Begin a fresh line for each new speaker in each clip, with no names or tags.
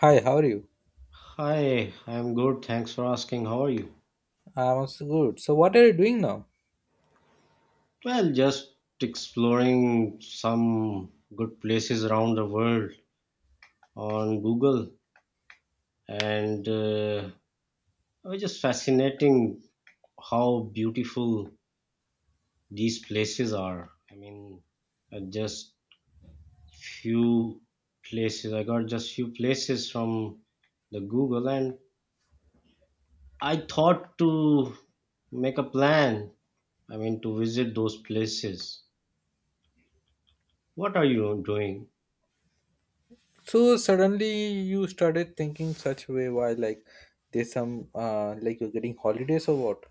Hi, how are you?
Hi, I'm good. Thanks for asking. How are you?
I'm also good. So, what are you doing now?
Well, just exploring some good places around the world on Google, and it was just fascinating how beautiful these places are. I mean, just few places. I got just few places from the Google, and I thought to make a plan. I mean, to visit those places. What are you doing?
So, suddenly you started thinking such way why like there's some like you're getting holidays or what?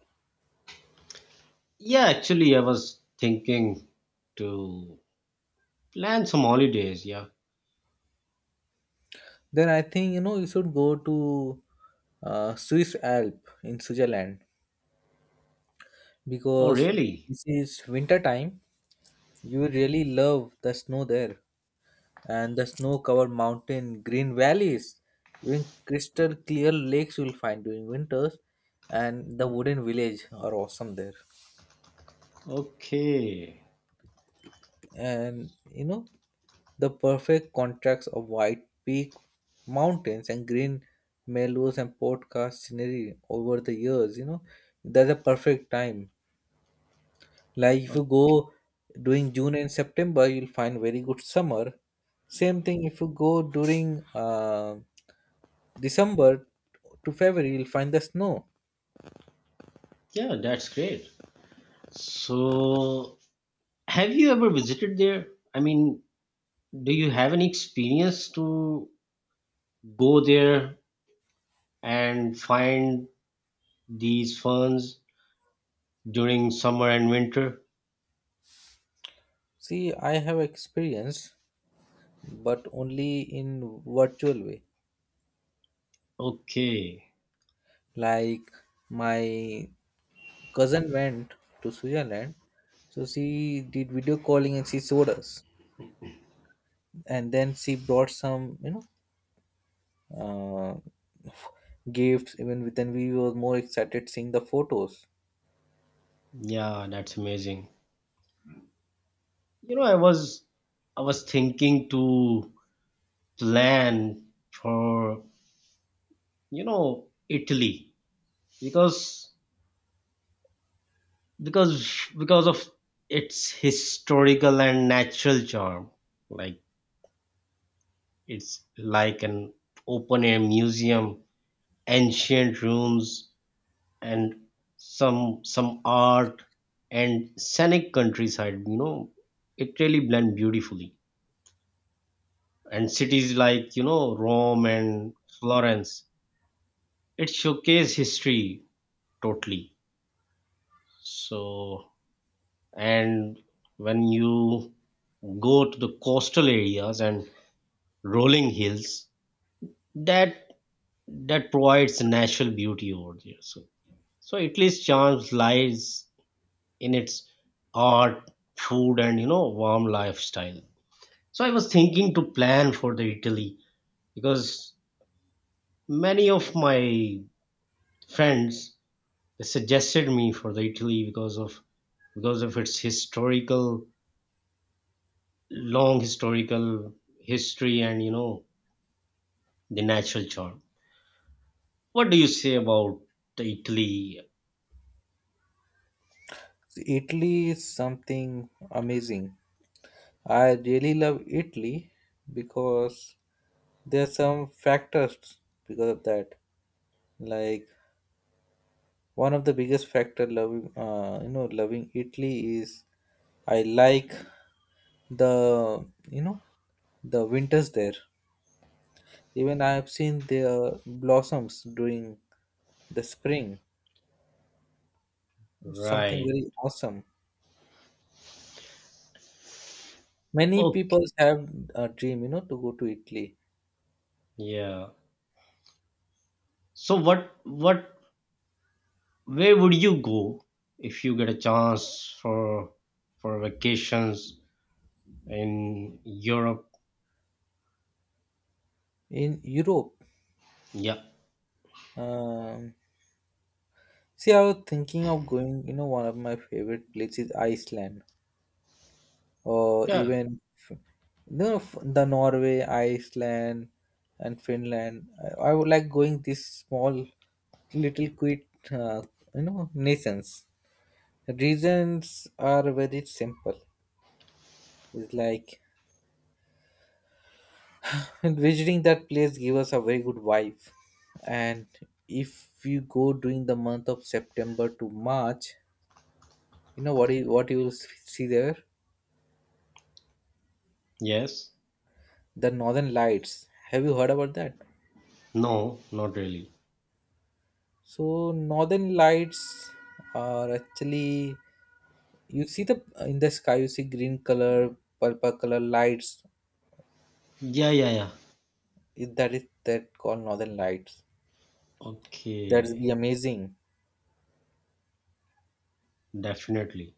Yeah, actually, I was thinking to plan some holidays. Yeah.
Then I think you know you should go to Swiss Alp in Switzerland
Oh,
because
really?
this is winter time. You really love the snow there, and the snow covered mountain, green valleys, even crystal clear lakes you'll find during winters, and the wooden village are awesome there.
Okay.
And you know the perfect contrast of white peak mountains and green meadows and podcast scenery over the years, you know, that's a perfect time, like if
Oh,
you go during june and september you'll find very good summer. Same thing if you go during december to february you'll find the snow.
yeah, that's great. So, have you ever visited there? I mean, do you have any experience to go there and find these ferns during summer and winter?
See, I have experience but only in virtual way,
Okay.
like my cousin went to Switzerland, so she did video calling and she showed us. And then she brought some, you know, uh, gifts. Even then, we were more excited seeing the photos.
Yeah, that's amazing. You know, I was thinking to plan for, you know, Italy, because because of its historical and natural charm, like it's like an open air museum, ancient rooms, and some art and scenic countryside, you know, it really blend beautifully. And cities like, you know, Rome and Florence, it showcase history totally. So, and when you go to the coastal areas and rolling hills, that that provides natural beauty over there. So, so italy's charms lies in its art, food, and, you know, warm lifestyle. So I was thinking to plan for the italy, because many of my friends, they suggested me for the italy because of its historical, long historical history, and, you know, the natural charm. What do you say about the Italy?
So, Italy is something amazing. I really love Italy because there are some factors because of that. Like, one of the biggest factor loving, you know, loving Italy is I like the, you know, the winters there. Even I have seen their blossoms during the spring. It's something
Right.
very awesome. Many
Oh,
people have a dream, you know, to go to Italy
yeah. So what where would you go if you get a chance for for vacations in Europe?
in Europe.
Yeah.
Um, see, I was thinking of going. You know, one of my favorite places, Iceland. Or
Yeah.
even no f- the Norway, Iceland, and Finland. I would like going these small, little quick, you know, nations. Reasons are very simple. It's like and visiting that place give us a very good vibe, and if you go during the month of September to March, you know what you will see there?
Yes.
The Northern Lights. Have you heard about that?
No, not really.
So northern lights are actually you see the in the sky you see green color, purple color lights.
Yeah, yeah, yeah.
If that is that called northern lights. That's be
Okay.
amazing.
Definitely.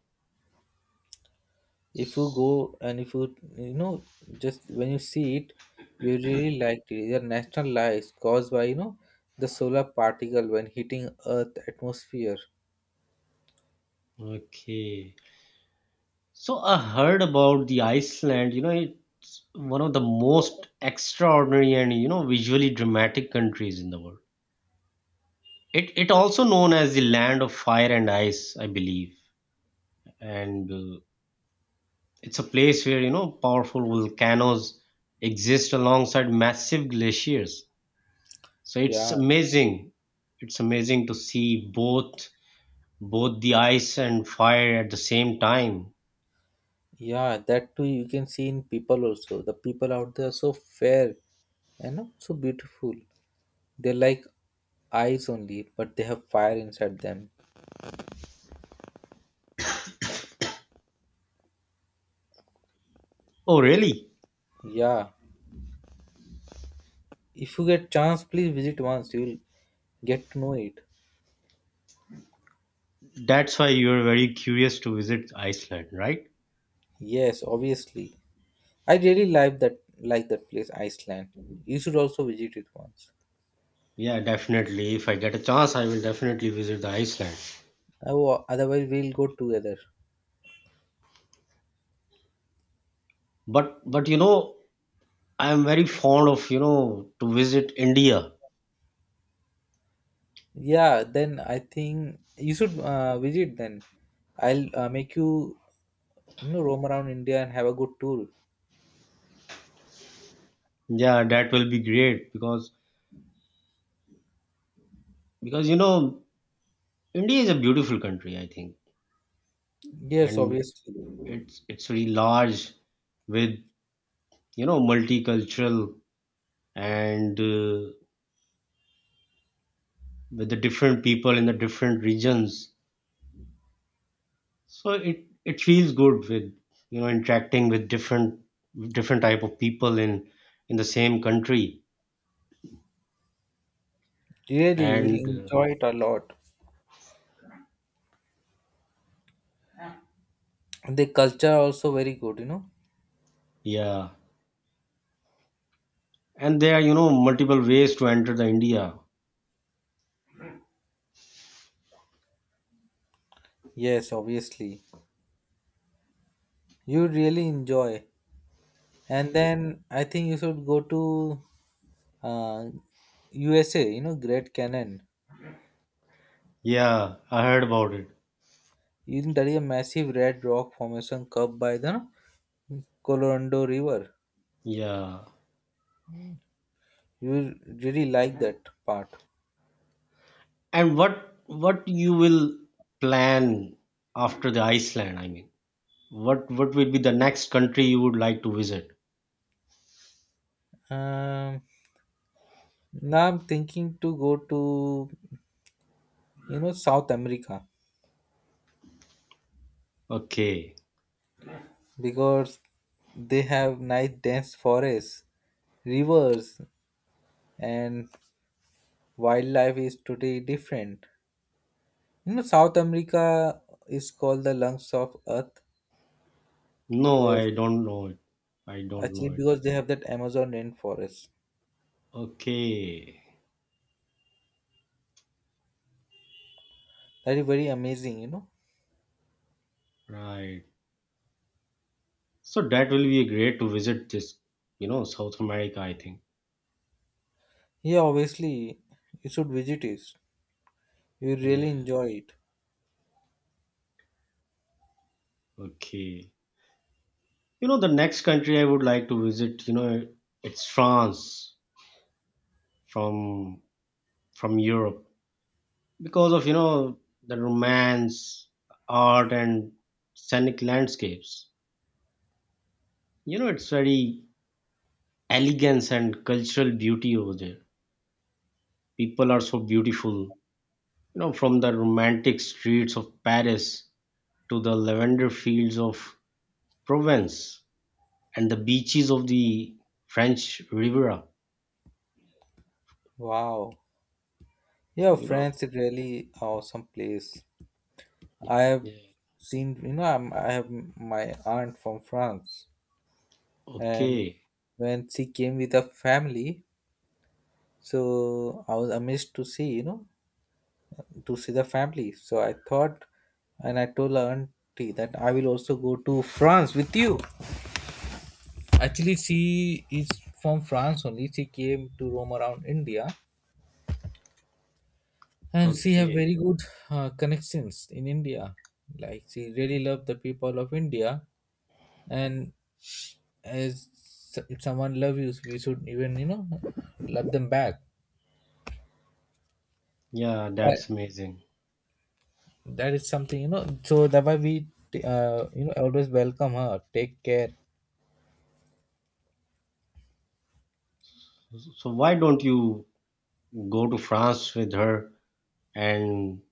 If you go and if you you know just when you see it, you really like it. These are natural lights caused by you know the solar particle when hitting Earth atmosphere.
Okay. So I heard about the Iceland, you know, it's one of the most extraordinary and, you know, visually dramatic countries in the world. It also known as the land of fire and ice, I believe. And it's a place where, you know, powerful volcanoes exist alongside massive glaciers. So it's
Yeah,
amazing. It's amazing to see both the ice and fire at the same time.
yeah, that too you can see in people also. The people out there are so fair and you know, so beautiful. They're like eyes only, but they have fire inside them.
Oh, really?
Yeah. If you get chance, please visit once. You'll get to know it.
That's why you're very curious to visit Iceland, right?
Yes, obviously. I really like that place, Iceland. You should also visit it once.
Yeah, definitely. If I get a chance, I will definitely visit the Iceland.
Oh, otherwise we'll go together.
But you know, I am very fond of, you know, to visit India.
Yeah, then I think you should visit then. I'll make you you know roam around India and have a good tour.
Yeah, that will be great, because you know, India is a beautiful country, I think.
Yes,
And
obviously.
it's very large with, you know, multicultural and with the different people in the different regions. So it feels good with, you know, interacting with different, different type of people in the same country.
Really, you will
And
enjoy it a lot. The culture also very good, you know.
yeah, and there are, you know, multiple ways to enter the India.
Yes, obviously, you really enjoy. And then I think you should go to uh, usa, you know, great canyon.
Yeah, I heard about it.
You can study a massive red rock formation curved by the colorado river.
Yeah.
You will really like that part.
And what you will plan after the Iceland, I mean. What will be the next country you would like to visit?
um, now I'm thinking to go to, you know, south america
Okay.
because they have nice dense forests, rivers, and wildlife is today different. You know, South America is called the lungs of Earth
No,
because
I don't know it. I don't
actually
know it.
because they have that Amazon rainforest.
Okay.
That is very amazing, you know.
Right. So that will be great to visit this, you know, South America, I think.
Yeah, obviously you should visit it. You really
Yeah.
enjoy it.
Okay. You know, the next country I would like to visit, you know, it's France from Europe because of, you know, the romance, art, and scenic landscapes. You know, it's very elegance and cultural beauty over there. People are so beautiful, you know, from the romantic streets of Paris to the lavender fields of Provence and the beaches of the French Riviera,
Wow. Yeah,
you know?
France is really awesome place. I have
Yeah.
seen. You know, I have my aunt from France, and
Okay.
when she came with her family, so I was amazed to see. You know, to see the family. So I thought, and I told her auntie that I will also go to France with you. Actually, she is from France only. She came to roam around India, and she have
Okay.
very good connections in India. Like she really love the people of India, and as if someone love you, we should even you know love them back.
Yeah,
That,
that's amazing.
that is something you know. So that why we you know always welcome her, take care.
So why don't you go to France with her and,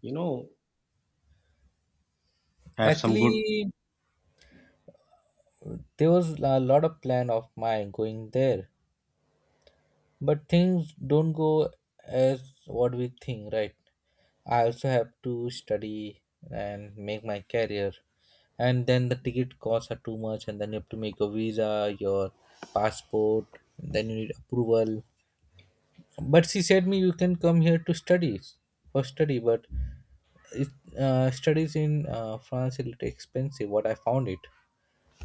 you know, have some good.
Actually, there was a lot of plan of mine going there, but things don't go as what we think, right? I also have to study and make my career, and then the ticket costs are too much, and then you have to make a visa, your passport, then you need approval. But she said me you can come here to studies for study, but it, studies in France is little expensive. What I found it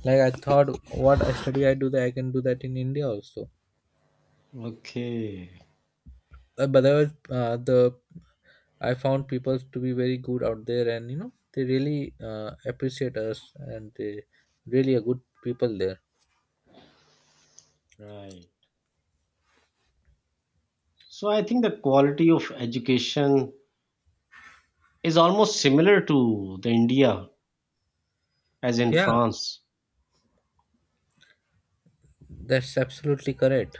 like I thought, what I study I do that I can do that in India also,
Okay,
but there was, the I found people to be very good out there, and you know they really appreciate us, and they really are good people there.
right. So I think the quality of education is almost similar to the India as in
Yeah,
France.
that's absolutely correct.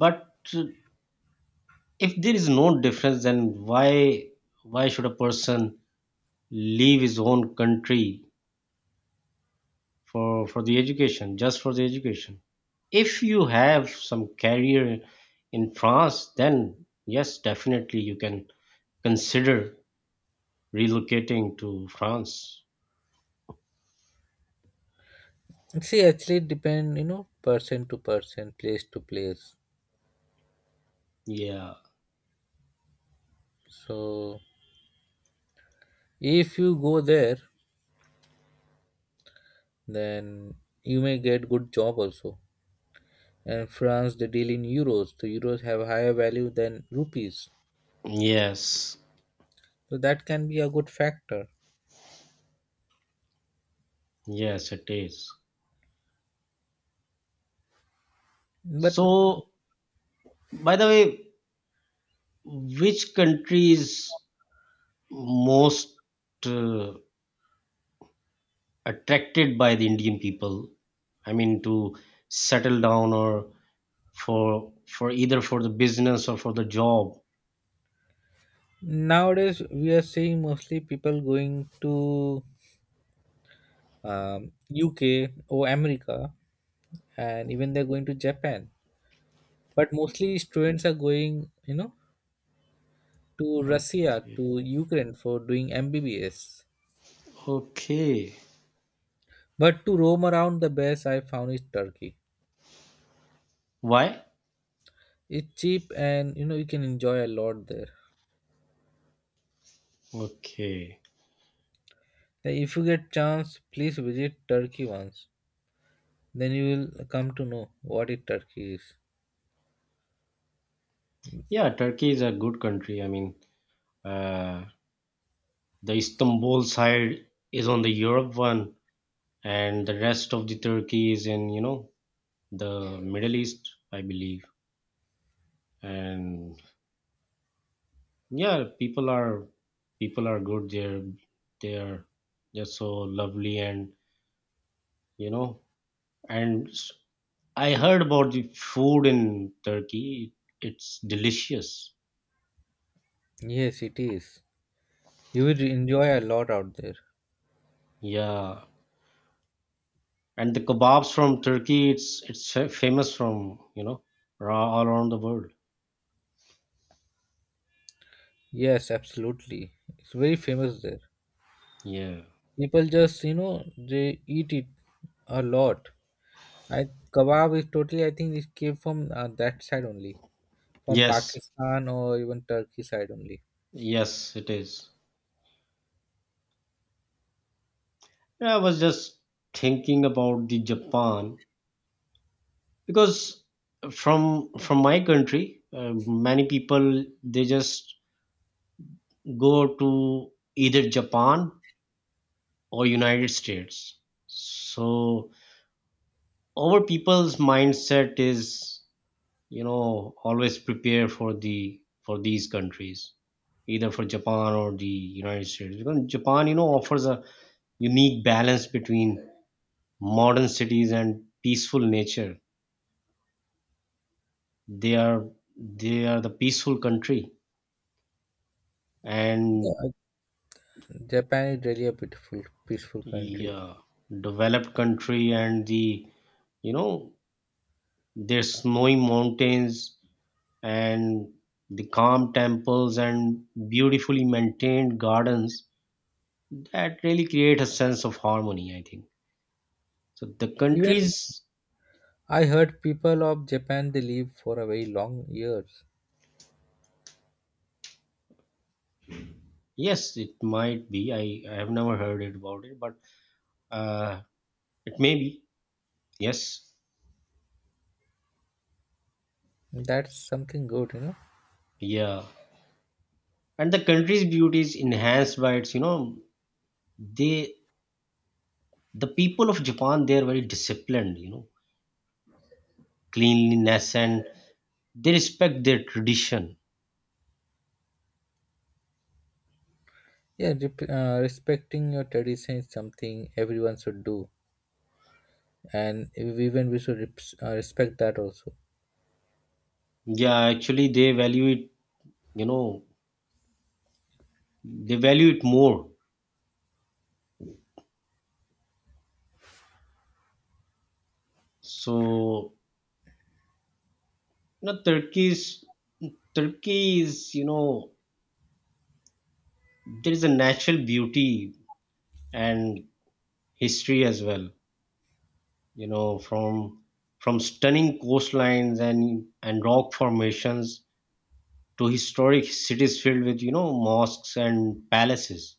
But if there is no difference, then why should a person leave his own country for the education, just for the education? If you have some career in france, then yes, definitely you can consider relocating to france.
See, actually, it depend you know person to person, place to place.
Yeah.
So if you go there, then you may get good job also. And France, they deal in euros. The euros have higher value than rupees,
Yes.
so that can be a good factor.
Yes, it is.
But
So, by the way, which country is most, uh, attracted by the indian people, I mean to settle down, or for either for the business or for the job?
nowadays, we are seeing mostly people going to UK or America, and even they're going to Japan. But mostly students are going, you know, to Russia,
Okay.
to Ukraine for doing MBBS.
Okay.
But to roam around, the best I found is Turkey.
Why?
It's cheap, and you know you can enjoy a lot there.
Okay.
Now, if you get chance, please visit Turkey once. Then you will come to know what it Turkey is.
Yeah, Turkey is a good country. I mean, uh, the Istanbul side is on the Europe one, and the rest of the Turkey is in, you know, the Middle East, I believe. And yeah, people are good there. They are just so lovely, and you know, and s- I heard about the food in Turkey. It's delicious.
Yes, it is. You will enjoy a lot out there.
Yeah, and the kebabs from Turkey, it's famous from, you know, all around the world.
Yes, absolutely. It's very famous there.
Yeah.
People just, you know, they eat it a lot. I kebab is totally, I think it came from that side only, from
Yes.
Pakistan or even Turkey side only.
Yes, it is. Yeah, I was just thinking about the Japan, because from my country, many people they just go to either Japan or United States. So our people's mindset is, you know, always prepare for the, for these countries, either for japan or the united states, because japan, you know, offers a unique balance between modern cities and peaceful nature. They are they are the peaceful country, and
Yeah, Japan is really a beautiful, peaceful
the
country.
developed country, and the, you know, their snowy mountains and the calm temples and beautifully maintained gardens, that really create a sense of harmony I think. So the
Even
countries,
I heard people of Japan they live for a very long years.
yes, it might be, I have never heard it about it, but uh, it may be, yes.
That's something good, you know.
Yeah, and the country's beauty is enhanced by its, you know, they, the people of japan, they are very disciplined, you know, cleanliness, and they respect their tradition.
Yeah, respecting your tradition is something everyone should do, and even we should respect that also.
Yeah, actually they value it, you know, they value it more. So, you know, turkey is, you know, there is a natural beauty and history as well, you know, from stunning coastlines and rock formations to historic cities filled with, you know, mosques and palaces.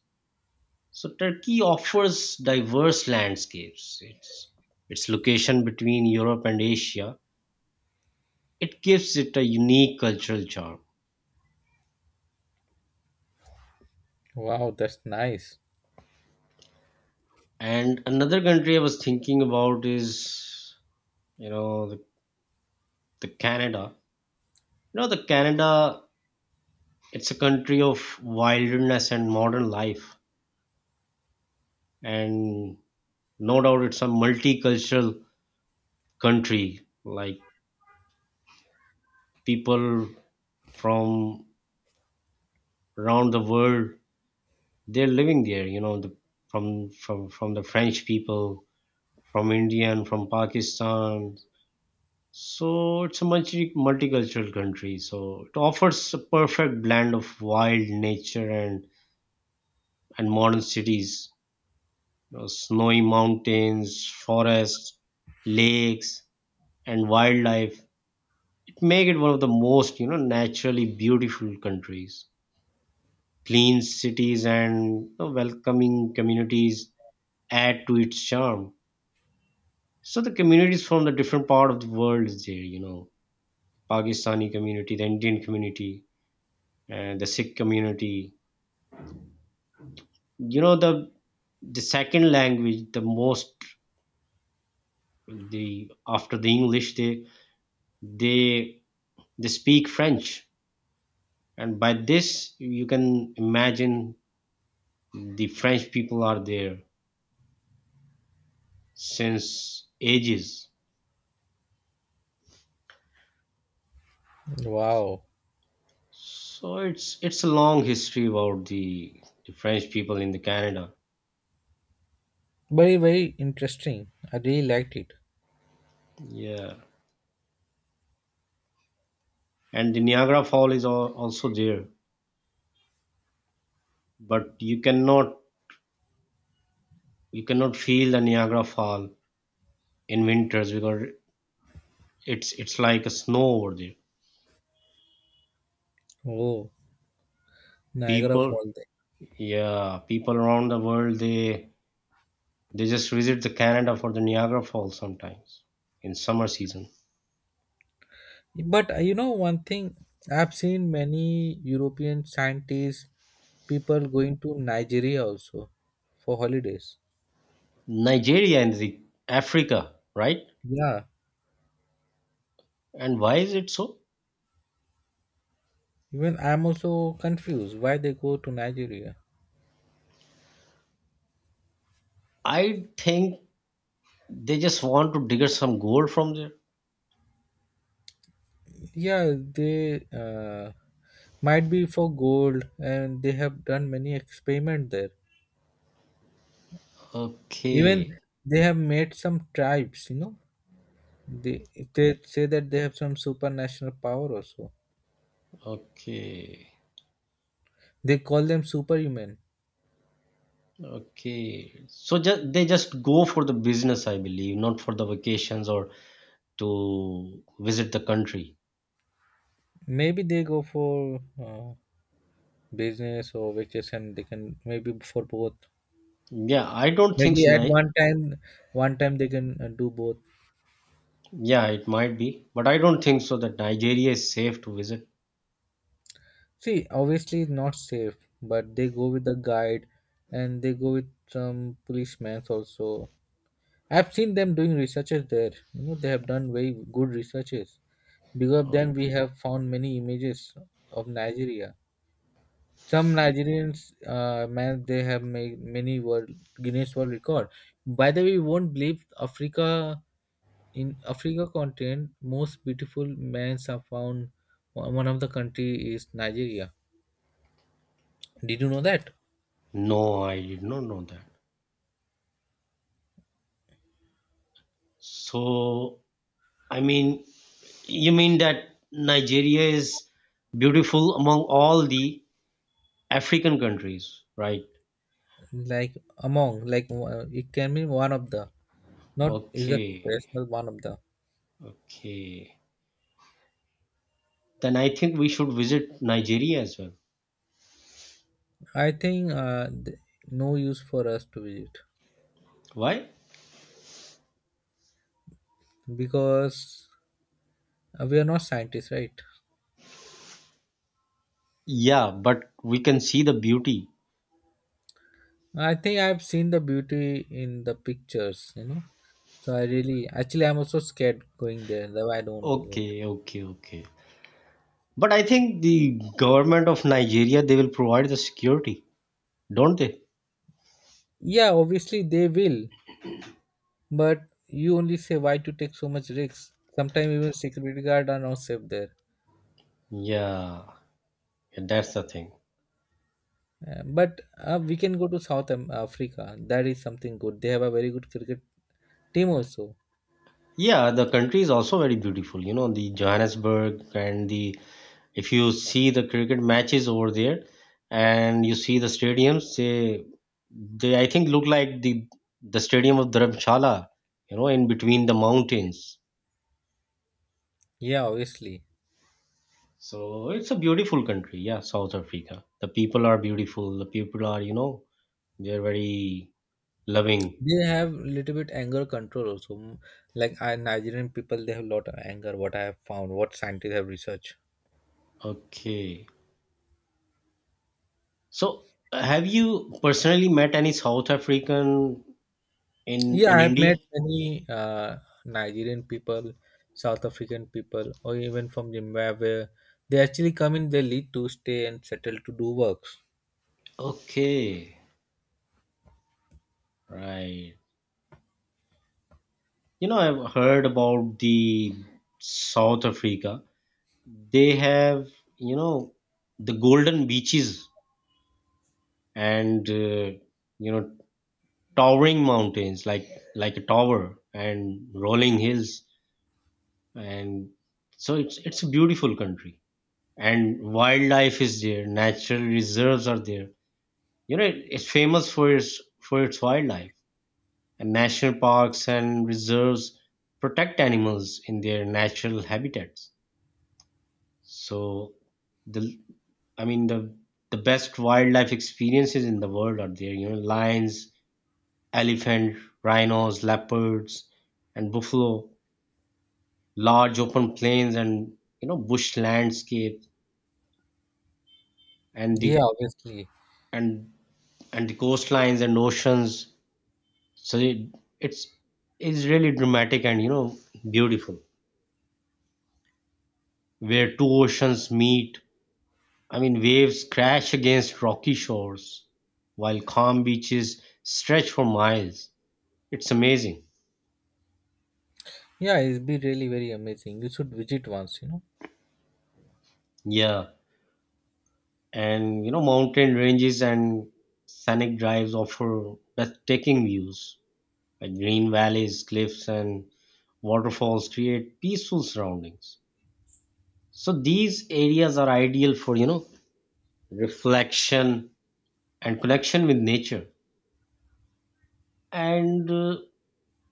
So turkey offers diverse landscapes. Its location between europe and asia, it gives it a unique cultural charm.
Wow, that's nice.
And another country I was thinking about is, you know, the canada. You know, the canada, it's a country of wilderness and modern life, and no doubt it's a multicultural country. Like people from around the world, they're living there. You know, the, from the French people, from Indian, from Pakistan. So it's a multicultural country. So it offers a perfect blend of wild nature and modern cities, you know, snowy mountains, forests, lakes, and wildlife. It make it one of the most, you know, naturally beautiful countries. Clean cities and, you know, welcoming communities add to its charm. So the communities from the different part of the world is there, you know, Pakistani community, the Indian community, and the Sikh community. You know, the second language, the most, the after the English, they they speak French, and by this you can imagine the french people are there since ages.
Wow.
So it's a long history about the french people in the canada.
Very, very interesting. I really liked it.
Yeah, and the niagara fall is also there, but you cannot, you cannot feel the niagara fall in winters, because it's like a snow over there.
Oh, Niagara
People,
Falls.
yeah, people around the world, they just visit the canada for the niagara falls sometimes in summer season.
There. But you know, one thing I've seen many European scientists, people going to Nigeria also for holidays.
Nigeria and the Africa, right?
Yeah.
And why is it so?
Even I'm also confused why they go to Nigeria.
I think they just want to dig some gold from there.
Yeah, they might be for gold, and they have done many experiment there.
Okay,
Even they have made some tribes, you know, They they say that they have some supernatural power also.
okay,
They call them superhuman.
okay. So just they just go for the business, I believe, not for the vacations or to visit the country.
Maybe they go for business or vacation. They can maybe for both.
Yeah, I don't think
Maybe
so.
at one time, they can do both.
Yeah, it might be, but I don't think so that Nigeria is safe to visit.
See, obviously it's not safe, but they go with the guide, and they go with some policemen also. I've seen them doing researches there. You know, they have done very good researches. Because of them, we
Okay.
have found many images of Nigeria. Some Nigerians man they have made many world Guinness World Record. By the way, you won't believe Africa in Africa continent most beautiful mans are found. One of the country is Nigeria. Did you know that?
No, I did not know that. So, I mean, you mean that Nigeria is beautiful among all the African countries, right?
Like among like it can be one of the not is a
Okay,
personal one of the.
okay. Then I think we should visit Nigeria as well.
I think no use for us to visit
Why?
because we are not scientists, right?
Yeah, but we can see the beauty.
I think I've seen the beauty in the pictures, you know. So I really, actually, I'm also scared going there. Though I don't want to go.
Okay, okay, okay. But I think the government of Nigeria, they will provide the security, don't they?
Yeah, obviously they will, but you only say why to take so much risks. Sometimes even security guard are not safe there.
Yeah, yeah, that's the thing.
But we can go to Africa. That is something good. They have a very good cricket team also.
Yeah, the country is also very beautiful. You know, the Johannesburg and the, if you see the cricket matches over there and you see the stadiums, they I think look like the stadium of Dharamshala, you know, in between the mountains.
Yeah, obviously
So it's a beautiful country, yeah, South Africa. The people are beautiful. The people are, you know, they're very loving.
they have little bit anger control also. Mm, like I, Nigerian people, they have lot of anger. What I have found, what scientists have researched.
Okay. So have you personally met any South African in
Yeah, I've
India?
met many Nigerian people, South African people, or even from Zimbabwe. They actually come in their lead to stay and settle to do works.
Okay. Right. You know, I've heard about the South Africa. They have, you know, the golden beaches and you know, towering mountains like a tower, and rolling hills, and so it's a beautiful country. And wildlife is there, natural reserves are there, you know, it's famous for its, for its wildlife, and national parks and reserves protect animals in their natural habitats. So the, I mean the best wildlife experiences in the world are there. You know, lions, elephant, rhinos, leopards, and buffalo. Large open plains and bush landscape and
Yeah,
the
obviously.
and and the coastlines and oceans. So it's it's really dramatic and beautiful. Where two oceans meet, waves crash against rocky shores, while calm beaches stretch for miles. It's amazing.
Yeah, it'd be really very amazing. You should visit once, you know.
Yeah. And you know, mountain ranges and scenic drives offer breathtaking views. Like green valleys, cliffs, and waterfalls create peaceful surroundings. So these areas are ideal for, reflection and connection with nature. And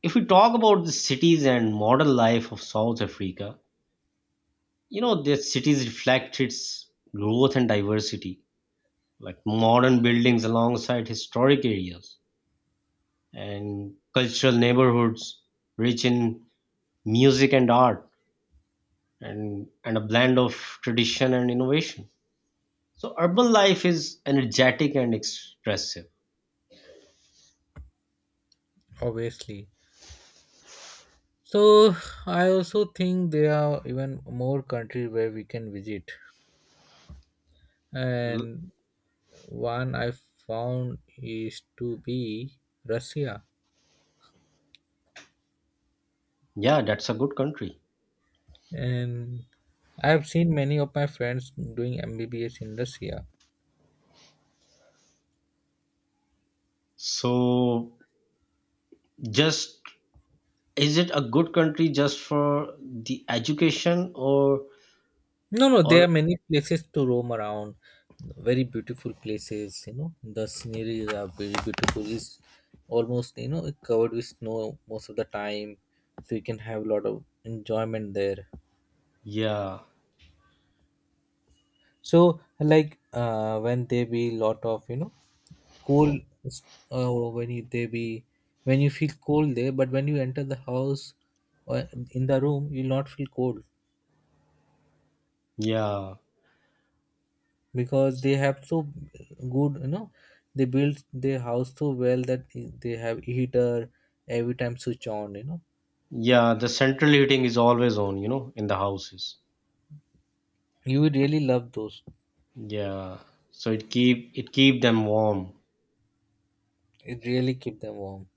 if we talk about the cities and modern life of South Africa, you know, the cities reflect its growth and diversity, like modern buildings alongside historic areas and cultural neighborhoods rich in music and art and a blend of tradition and innovation. So urban life is energetic and expressive.
Obviously. So I also think there are even more countries where we can visit.
L-
And one I found is to be Russia.
Yeah, that's a good country.
And I have seen many of my friends doing MBBS in Russia.
So just is it a good country just for the education
No, no, there
or
are many places to roam around, very beautiful places. You know, the scenery are very beautiful. It's almost you know covered with snow most of the time, so you can have a lot of enjoyment there.
yeah,
So, like when there be lot of you know cold, uh, when you there be when you feel cold there, but when you enter the house or in the room, you'll not feel cold.
yeah.
Because they have so good you know they build their house so well that they have heater every time switch on you know
Yeah, the central heating is always on, you know, in the houses.
you will really love those.
Yeah. So it keep them warm.
It really keep them warm.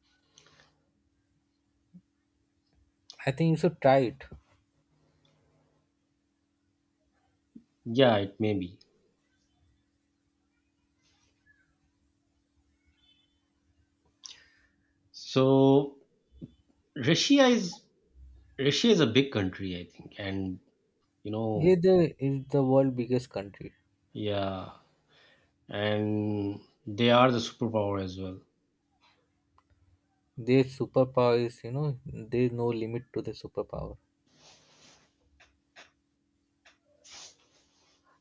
I think you should try it.
Yeah, it may be. So Russia is Russia is a big country, I think, and you
Yeah
know,
they is the world biggest country.
yeah, and they are the superpower as well.
Their superpower is you know there's no limit to the superpower.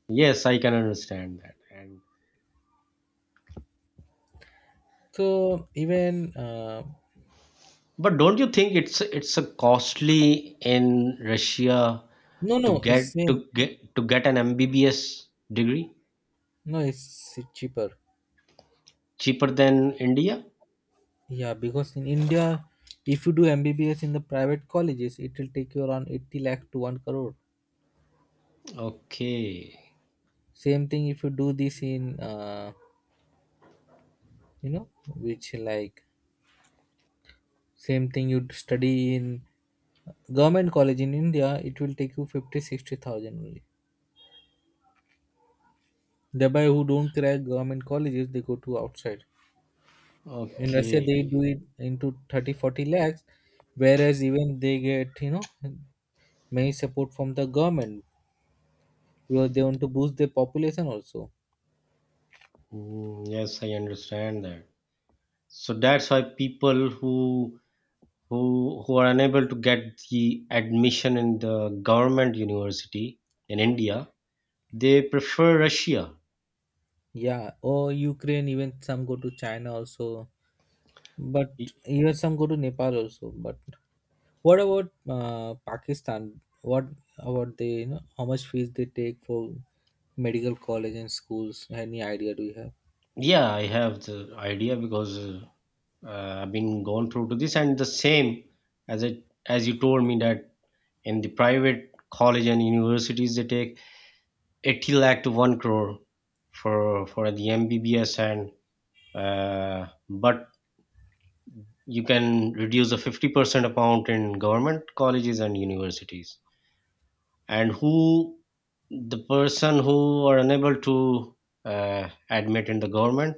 Yes, I can understand that. And
So even
but don't you think it's a costly in Russia
no,
to
no, it's same.
get an MBBS degree
No, it's cheaper.
cheaper than India?
Yeah, because in India, if you do MBBS in the private colleges, it will take you around 80 lakh to 1 crore.
Okay,
Same thing if you do this in, you know, same thing you study in government college in India, it will take you 50-60,000 60,000 only. Thereby, who don't crack government colleges, they go to outside. In Russia, they
okay.
do it into 30-40 lakhs, whereas even they get, you know, many support from the government because they want to boost their population also.
Mm, yes, I understand that. So that's why people who are unable to get the admission in the government university in India, they prefer Russia.
Yeah, or Ukraine, even some go to China also, but
Y-
even some go to Nepal also. But what about Pakistan? What about they, you know, how much fees they take for medical college and schools? Any idea do you have?
Yeah, I have the idea because I've been gone through to this, and the same as it as you told me that in the private college and universities they take 80 lakh to one crore for the MBBS, and but you can reduce the 50% amount in government colleges and universities. And who the person who are unable to admit in the government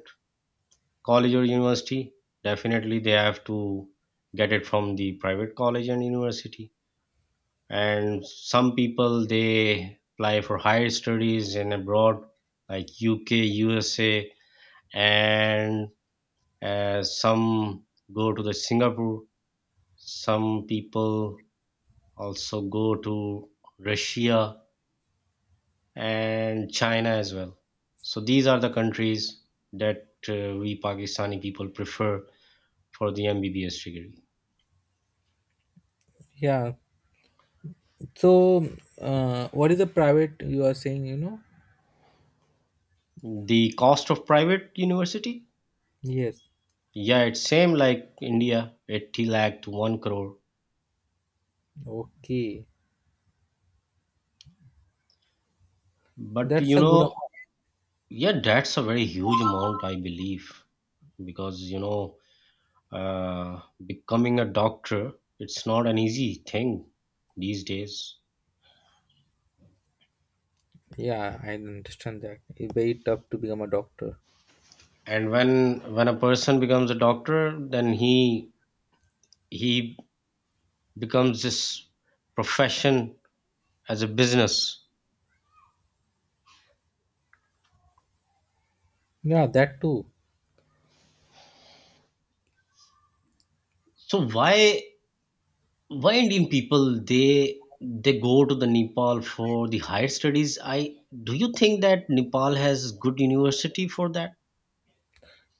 college or university definitely they have to get it from the private college and university and some people they apply for higher studies in abroad like UK, USA, and some go to the Singapore, some people also go to Russia and China as well. So these are the countries that we Pakistani people prefer for the MBBS degree.
Yeah, so what is the private you are saying, you know?
The cost of private university?
Yes,
Yeah, it's same like India, 80 lakh to 1 crore.
okay,
But
that's
you
a good
know,
amount.
yeah, that's a very huge amount, I believe, because becoming a doctor, it's not an easy thing these days.
Yeah, I understand that. It's very tough to become a doctor.
And when a person becomes a doctor, then he becomes this profession as a business.
Yeah, that too.
So why Indian people they go to the Nepal for the higher studies. I Do you think that Nepal has good university for that?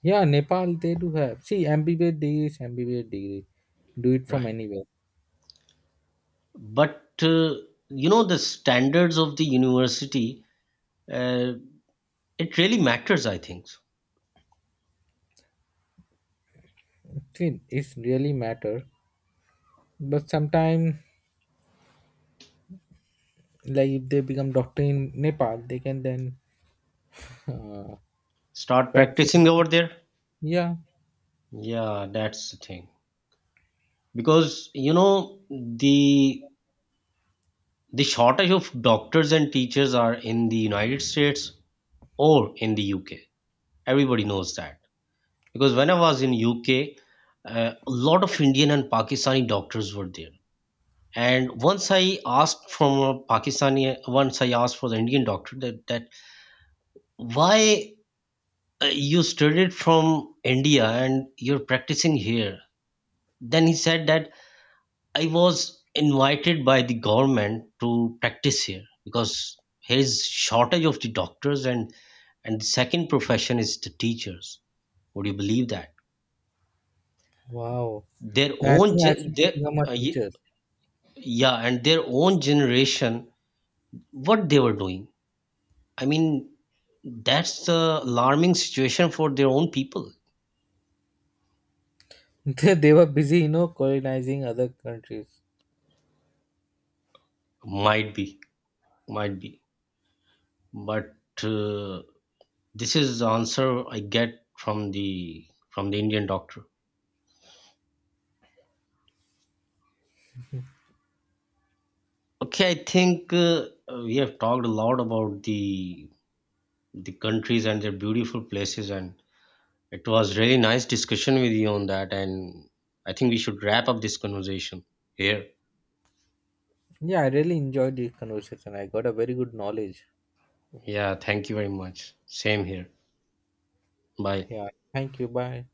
Yeah, Nepal they do have. See, ambiguous degree is ambiguous degree. Do it from
Right,
anywhere.
but uh, you know the standards of the university, uh, it really matters, I think.
See, it's really matter. But sometimes, like if they become doctor in Nepal, they can then uh,
Start
practice.
practicing over there.
Yeah.
Yeah, that's the thing because you know the the shortage of doctors and teachers are in the United States or in the UK. Everybody knows that because when I was in UK, a lot of Indian and Pakistani doctors were there. And once I asked for the Indian doctor that, why you studied from India and you're practicing here. Then he said that I was invited by the government to practice here because here is shortage of the doctors, and the second profession is the teachers. Would you believe that
Wow.
their
Then I
own
think I
gen-
should
their
become a
ye-
teacher.
yeah, and their own generation, what they were doing? i mean that's the alarming situation for their own people.
They were busy, you know, colonizing other countries.
might be might be, but this is the answer I get from the Indian doctor. Okay, I think we have talked a lot about the countries and their beautiful places, and it was really nice discussion with you on that, and I think we should wrap up this conversation here.
Yeah, I really enjoyed this conversation. I got a very good knowledge.
Yeah, thank you very much. Same here. Bye.
Yeah. Thank you. Bye.